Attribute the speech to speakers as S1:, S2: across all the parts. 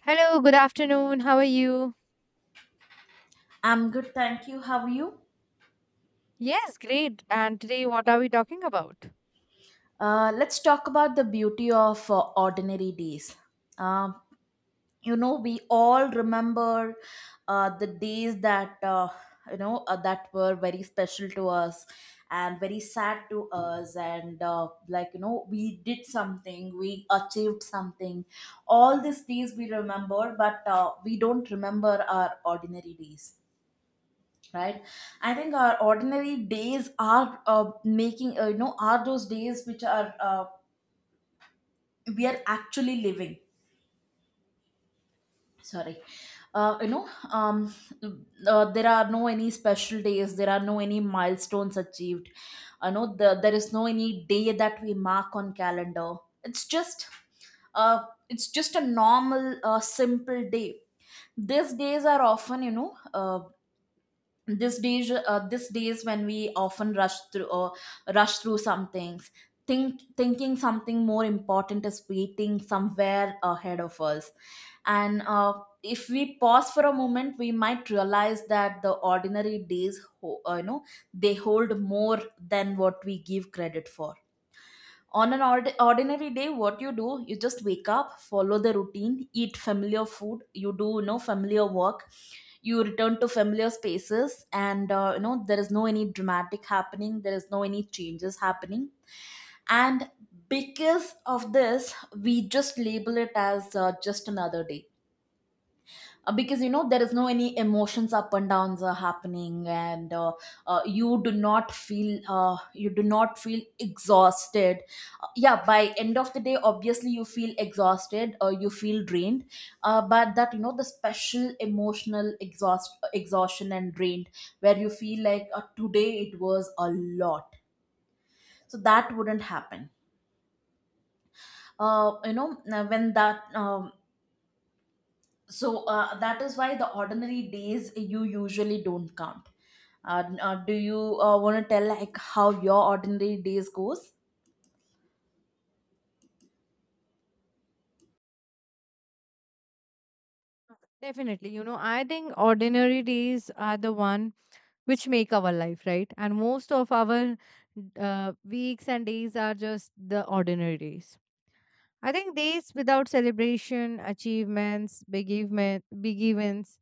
S1: Hello, good afternoon. How are you?
S2: I'm good, thank you. How are you?
S1: Yes, great. And today, what are we talking about?
S2: Let's talk about the beauty of ordinary days. Uh, we all remember the days that that were very special to us and very sad to us, and we did something, we achieved something. All these days we remember, but we don't remember our ordinary days, right? I think our ordinary days are making, are those days which are we are actually living. Sorry. uh, you know um, there are no any special days, there are no any milestones achieved. I know there is no any day that we mark on calendar. It's just it's just a normal simple day. These days are often, this days, this days when we often rush through, or rush through some things, thinking something more important is waiting somewhere ahead of us. And If we pause for a moment, we might realize that the ordinary days, they hold more than what we give credit for. On an ordinary day, what you do, you just wake up, follow the routine, eat familiar food, you do, you know, familiar work, you return to familiar spaces, and there is no any dramatic happening, there is no any changes happening. And because of this, we just label it as just another day. Because you know, there is no any emotions, up and downs are happening, and you do not feel, you do not feel exhausted. Yeah, by end of the day obviously you feel exhausted or you feel drained, but that, you know, the special emotional exhaustion and drained, where you feel like, today it was a lot. So that wouldn't happen. Uh, you know when that so That is why the ordinary days you usually don't count. Do you want to tell like how your ordinary days goes?
S1: Definitely. You know, I think ordinary days are the one which make our life right, and most of our weeks and days are just the ordinary days. I think days without celebration achievements, big events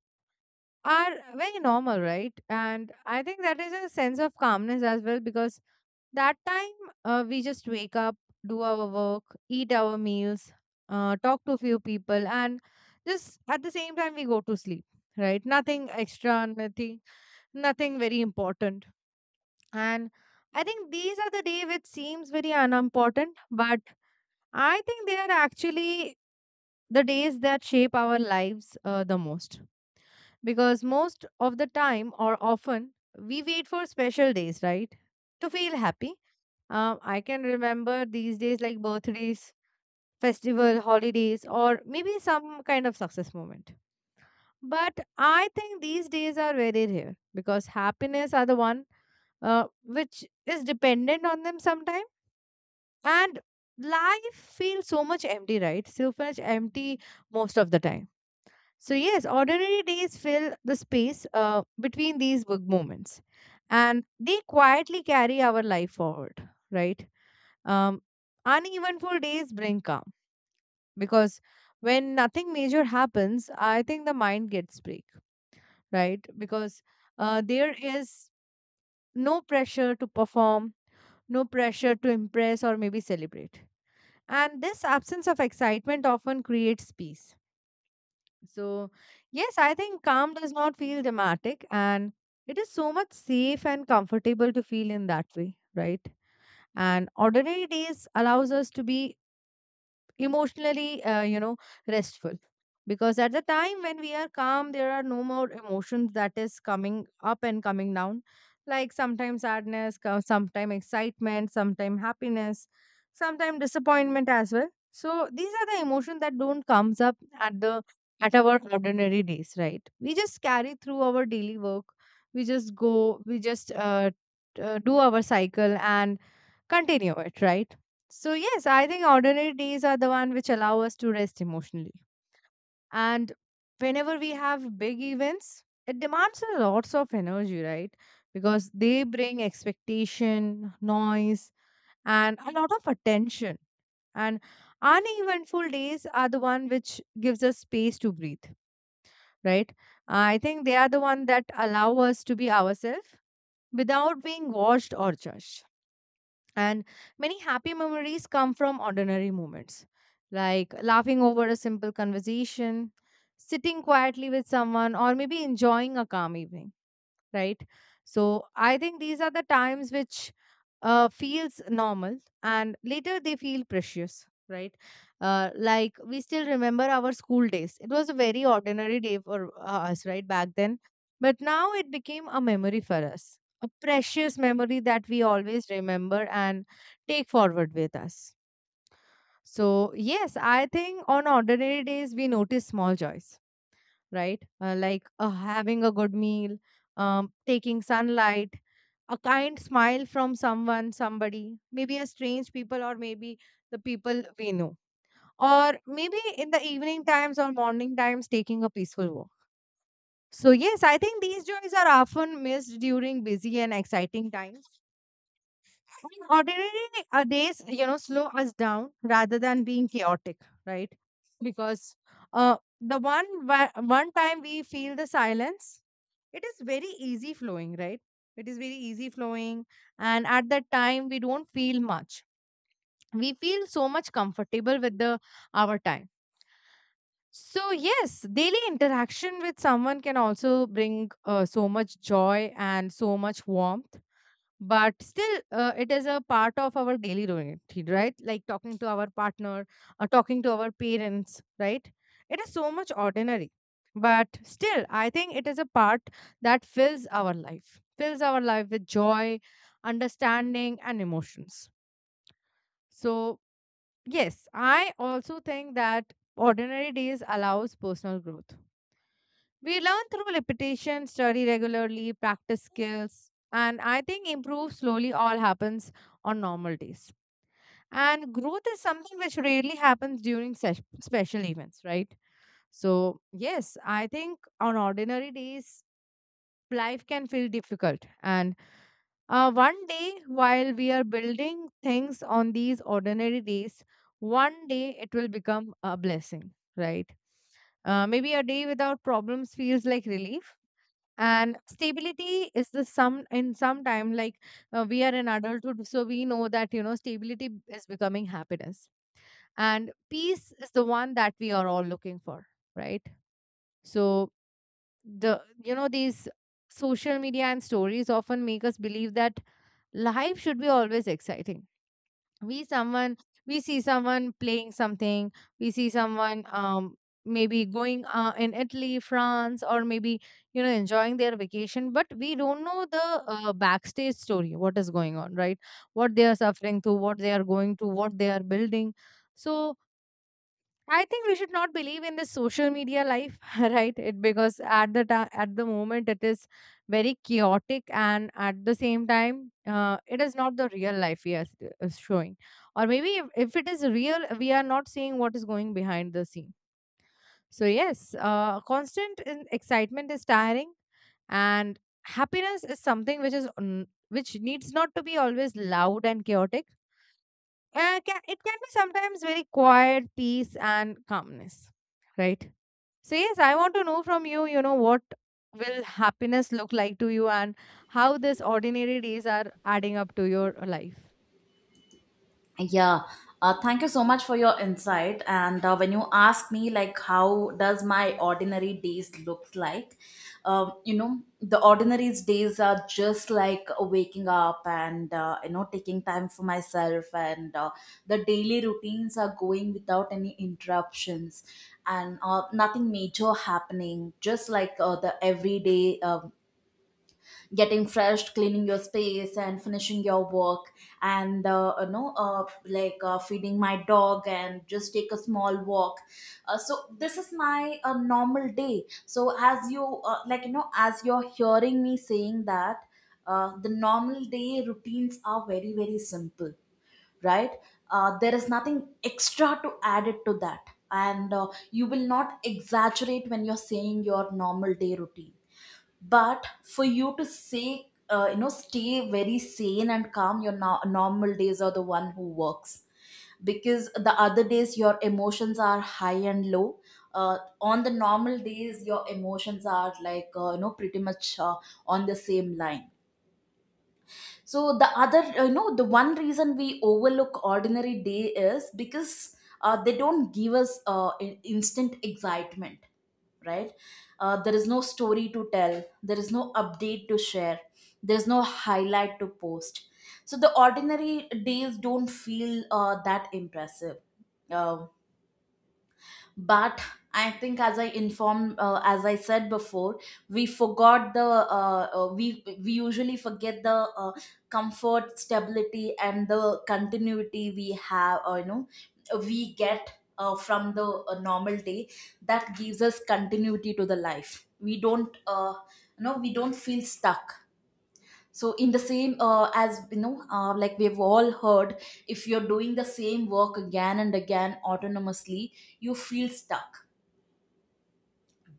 S1: are very normal, right? And I think that is a sense of calmness as well, because that time we just wake up, do our work, eat our meals, talk to a few people, and just at the same time we go to sleep. Right, nothing extra, nothing very important. And I think these are the days which seems very unimportant, but I think they are actually the days that shape our lives the most. Because most of the time or often we wait for special days, right? To feel happy. I can remember these days like birthdays, festival, holidays, or maybe some kind of success moment. But I think these days are very rare because happiness are the one which is dependent on them sometimes, and life feels so much empty, right? So much empty, most of the time. So yes, ordinary days fill the space between these big moments, and they quietly carry our life forward, right? um, Uneventful days bring calm, because when nothing major happens, I think the mind gets break, right? Because there is no pressure to perform, no pressure to impress or maybe celebrate. And this absence of excitement often creates peace. So, yes, I think calm does not feel dramatic, and it is so much safe and comfortable to feel in that way, right? And ordinary days allows us to be emotionally, restful, because at the time when we are calm, there are no more emotions that is coming up and coming down. Like sometimes sadness, sometimes excitement, sometimes happiness, sometimes disappointment as well. So these are the emotions that don't comes up at the at our ordinary days, right? We just carry through our daily work. We just go, we just do our cycle and continue it, right? So, yes, I think ordinary days are the one which allow us to rest emotionally. And whenever we have big events, it demands a lots of energy, right? Because they bring expectation, noise, and a lot of attention. And uneventful days are the one which gives us space to breathe, right? I think they are the one that allow us to be ourselves without being watched or judged. And many happy memories come from ordinary moments, like laughing over a simple conversation, sitting quietly with someone, or maybe enjoying a calm evening, right? So I think these are the times which feels normal, and later they feel precious, right? Like we still remember our school days. It was a very ordinary day for us, right, back then, but now it became a memory for us, a precious memory that we always remember and take forward with us. So yes, I think on ordinary days we notice small joys, right? Like having a good meal, taking sunlight, a kind smile from someone, somebody, maybe a strange people, or maybe the people we know. Or maybe in the evening times or morning times, taking a peaceful walk. So, yes, I think these joys are often missed during busy and exciting times. And ordinary days, you know, slow us down rather than being chaotic, right? Because one time we feel the silence, it is very easy flowing, right? It is very easy flowing, and at that time we don't feel much. We feel so much comfortable with the our time. So yes, daily interaction with someone can also bring so much joy and so much warmth, but still it is a part of our daily routine, right? Like talking to our partner or talking to our parents, right? It is so much ordinary, but still I think it is a part that fills our life, fills our life with joy, understanding, and emotions. So yes, I also think that ordinary days allows personal growth. We learn through repetition, study regularly, practice skills, and I think improve slowly, all happens on normal days. And growth is something which rarely happens during special events, right? So, yes, I think on ordinary days, life can feel difficult. And one day, while we are building things on these ordinary days, one day it will become a blessing, right? Maybe a day without problems feels like relief, and stability is the some in some time like we are in adulthood, so we know that, you know, stability is becoming happiness and peace is the one that we are all looking for, right? So the, you know, these social media and stories often make us believe that life should be always exciting. we someone we see someone playing something, we see someone, um, maybe going in Italy, France, or maybe, you know, enjoying their vacation, but we don't know the backstage story, what is going on, right? What they are suffering through, what they are going to, what they are building. So I think we should not believe in the social media life, right? It, because at the time, at the moment, it is very chaotic, and at the same time, it is not the real life we are is showing. Or maybe if, it is real, we are not seeing what is going behind the scene. So yes, constant in excitement is tiring, and happiness is something which is which needs not to be always loud and chaotic. It can be sometimes very quiet peace and calmness, right? So yes, I want to know from you, you know, what will happiness look like to you, and how these ordinary days are adding up to your life.
S2: Yeah, thank you so much for your insight. And When you ask me, like, how does my ordinary days looks like? You know, the ordinary days are just like waking up and taking time for myself, and the daily routines are going without any interruptions, and nothing major happening. Just like the everyday, getting fresh, cleaning your space, and finishing your work, and feeding my dog and just take a small walk. So this is my normal day. So as you, like you know as you're hearing me saying that, the normal day routines are very, very simple, right? There is nothing extra to add it to that, and you will not exaggerate when you're saying your normal day routine. But for you to say, stay very sane and calm, your normal days are the one who works, because the other days your emotions are high and low. On the normal days your emotions are like, pretty much on the same line. So the other you know the one reason we overlook ordinary day is because they don't give us instant excitement, right? There is no story to tell, there is no update to share, there is no highlight to post. So the ordinary days don't feel that impressive. Uh, but I think, as I informed as I said before, we forgot the, we usually forget the comfort, stability, and the continuity we have, we get from the normal day, that gives us continuity to the life. We don't we don't feel stuck. So in the same, as you know like we've all heard, if you're doing the same work again and again autonomously, you feel stuck.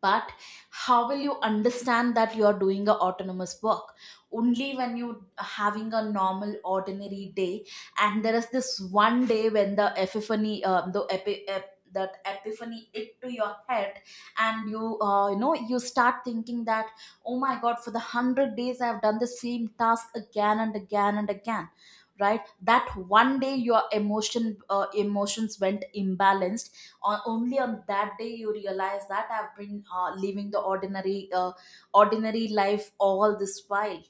S2: But how will you understand that you are doing a autonomous work? Only when you having a normal ordinary day, and there is this one day when the epiphany, that epiphany hit to your head, and you, you know you start thinking that, oh my god, for the 100 days I have done the same task again and again and again, right? That one day your emotion, emotions went imbalanced, on, only on that day you realize that I've been living the ordinary, ordinary life all this while.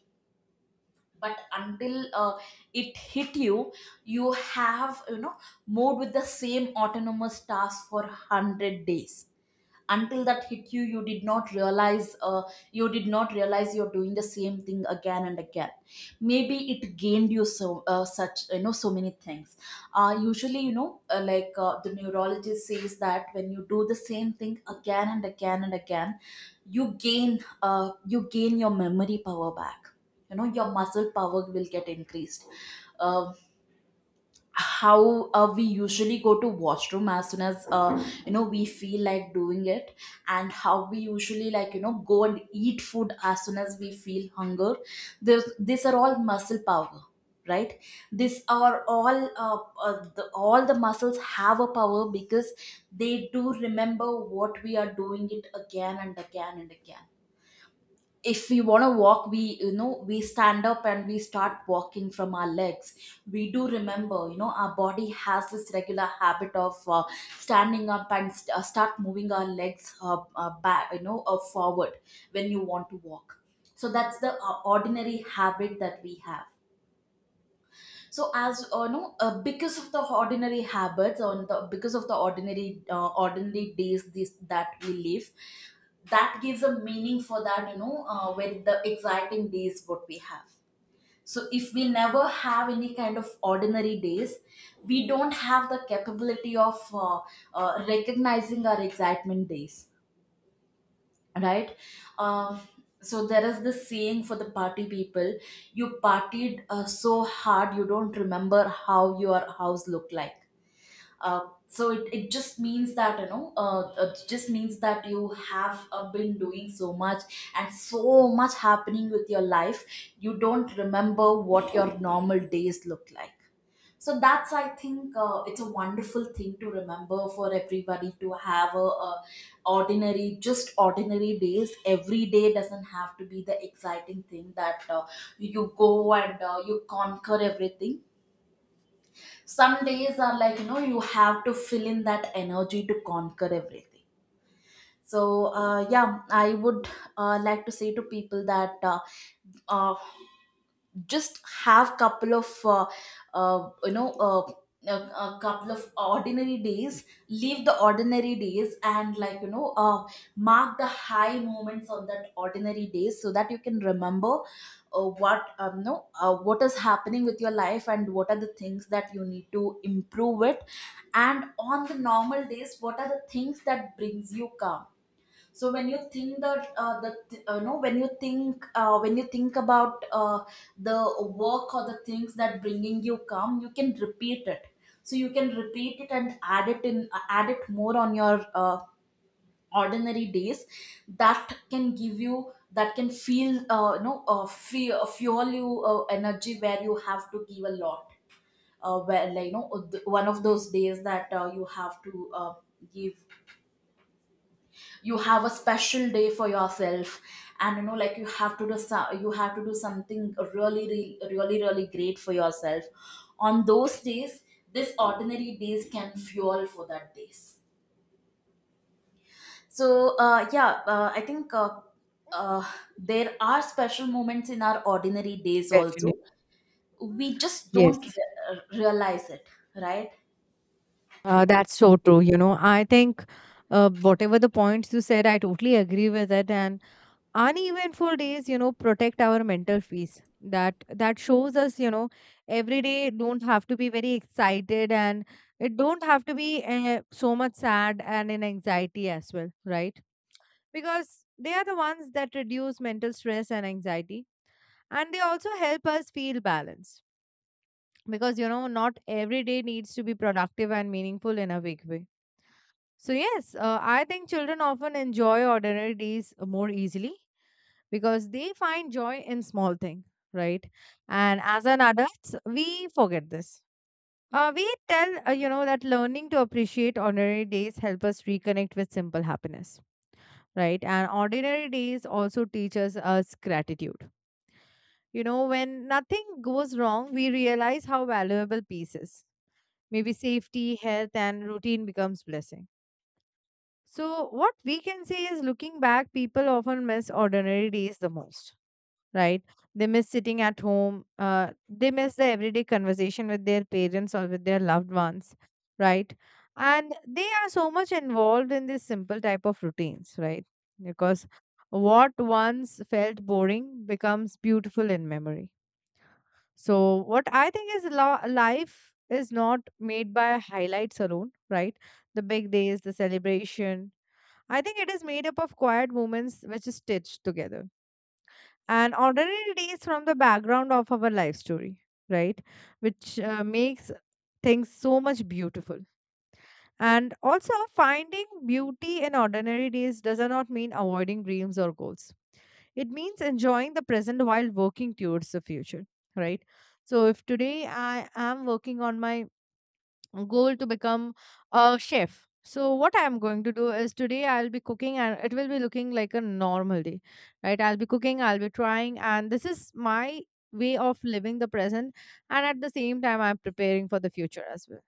S2: But until it hit you, you have, you know, moved with the same autonomous task for 100 days. Until that hit you, you did not realize, you did not realize you're doing the same thing again and again. Maybe it gained you, so such, you know, so many things. Usually you know like The neurologist says that when you do the same thing again and again and again, you gain, you gain your memory power back, you know, your muscle power will get increased. Uh, how We usually go to washroom as soon as, we feel like doing it, and how we usually, like you know, go and eat food as soon as we feel hunger. These are all muscle power, right? These are all all the muscles have a power, because they do remember what we are doing it again and again and again. If we want to walk, we, you know, we stand up and we start walking from our legs. We do remember, you know, our body has this regular habit of standing up and start moving our legs, back, you know, forward, when you want to walk. So that's the ordinary habit that we have. So as no because of the ordinary habits, on the because of the ordinary, ordinary days this that we live, that gives a meaning for that, you know, with the exciting days what we have. So if we never have any kind of ordinary days, we don't have the capability of recognizing our excitement days, right? Um, so there is this saying for the party people: you partied so hard you don't remember how your house looked like. uh, it just means that, you know, it just means that you have been doing so much, and so much happening with your life, you don't remember what your normal days look like. So that's, I think, it's a wonderful thing to remember for everybody, to have a ordinary, just ordinary days. Every day doesn't have to be the exciting thing that, you go and, you conquer everything. Some days are like, you know, you have to fill in that energy to conquer everything. So yeah, I would like to say to people that, uh, just have couple of, uh, you know uh, a couple of ordinary days, leave the ordinary days, and, like you know, mark the high moments on that ordinary days, so that you can remember what no what is happening with your life, and what are the things that you need to improve it, and on the normal days what are the things that brings you calm. So when you think that, the th- no when you think when you think about, the work or the things that bringing you come, you can repeat it. So you can repeat it and add it in, add it more on your ordinary days. That can give you, that can feel, fuel you energy where you have to give a lot, where like you know th- one of those days that, you have to give, you have a special day for yourself, and, you know, like you have to do you have to do something really, really, really, really great for yourself on those days. This ordinary days can fuel for that days. So yeah, I think, uh, there are special moments in our ordinary days
S1: Definitely.
S2: also, we just don't
S1: Yes.
S2: realize it, right?
S1: Uh, that's so true. You know, I think, whatever the points you said, I totally agree with it. And uneventful days, you know, protect our mental peace. That shows us, you know, every day don't have to be very excited, and it don't have to be so much sad and in anxiety as well, right? Because they are the ones that reduce mental stress and anxiety, and they also help us feel balanced, because, you know, not every day needs to be productive and meaningful in a big way. So yes, I think children often enjoy ordinary days more easily, because they find joy in small thing, right? And as an adult, we forget this. We tell You know that learning to appreciate ordinary days help us reconnect with simple happiness, right? And ordinary days also teaches us gratitude. You know, when nothing goes wrong, we realize how valuable peace is. Maybe safety, health, and routine becomes blessing. So what we can say is, looking back, people often miss ordinary days the most, right? They miss sitting at home. They miss the everyday conversation with their parents or with their loved ones, right? And they are so much involved in this simple type of routines, right? Because what once felt boring becomes beautiful in memory. So, what I think is, life is not made by highlights alone, right? The big days, the celebration. I think it is made up of quiet moments which is stitched together, and ordinary days from the background of our life story, right? Which makes things so much beautiful. And also, finding beauty in ordinary days does not mean avoiding dreams or goals. It means enjoying the present while working towards the future, right? So, if today I am working on my goal to become a chef. So what I am going to do is today I'll be cooking and it will be looking like a normal day, right? I'll be cooking, I'll be trying, and this is my way of living the present. And at the same time, I'm preparing for the future as well.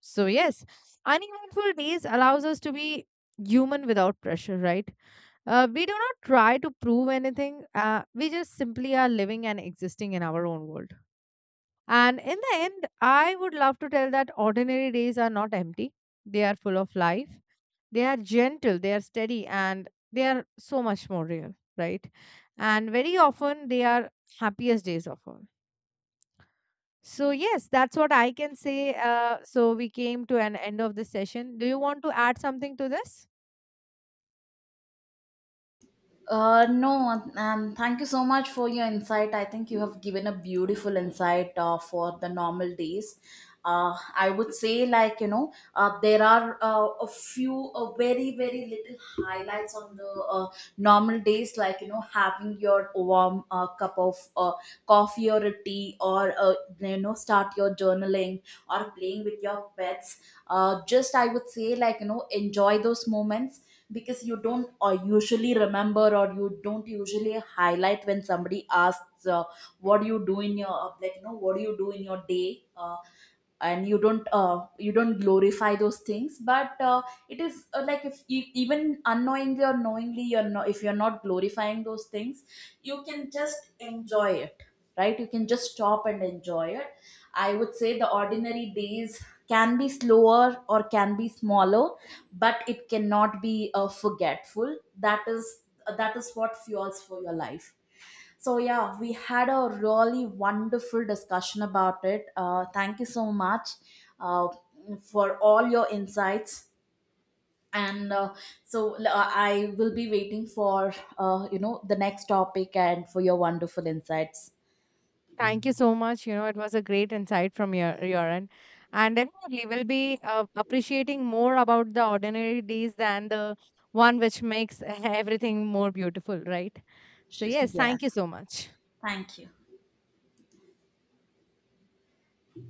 S1: So yes, uneventful days allows us to be human without pressure, right? We do not try to prove anything. We just simply are living and existing in our own world. And in the end, I would love to tell that ordinary days are not empty. They are full of life. They are gentle, they are steady, and they are so much more real, right? And very often, they are happiest days of all. So, yes, that's what I can say. So, we came to an end of this session. Do you want to add something to this?
S2: No, and thank you so much for your insight. I think you have given a beautiful insight for the normal days. I would say, like, you know, there are a few, very, very little highlights on the normal days, like, you know, having your warm cup of coffee or a tea, or, you know, start your journaling or playing with your pets. Just, I would say, like, you know, enjoy those moments, because you don't usually remember, or you don't usually highlight when somebody asks, what do you do in your, what do you do in your day, and you don't glorify those things. But it is, like if you, even unknowingly or knowingly, you're not, if you're not glorifying those things, you can just enjoy it, right? You can just stop and enjoy it. I would say the ordinary days can be slower or can be smaller, but it cannot be forgetful. That is, that is what fuels for your life. So yeah, we had a really wonderful discussion about it. Thank you so much, uh, for all your insights, and I will be waiting for, the next topic and for your wonderful insights.
S1: Thank you so much. You know, it was a great insight from your end, and definitely we'll be appreciating more about the ordinary days than the one which makes everything more beautiful, right? So yes,
S2: Yeah,
S1: thank you so much.
S2: thank you.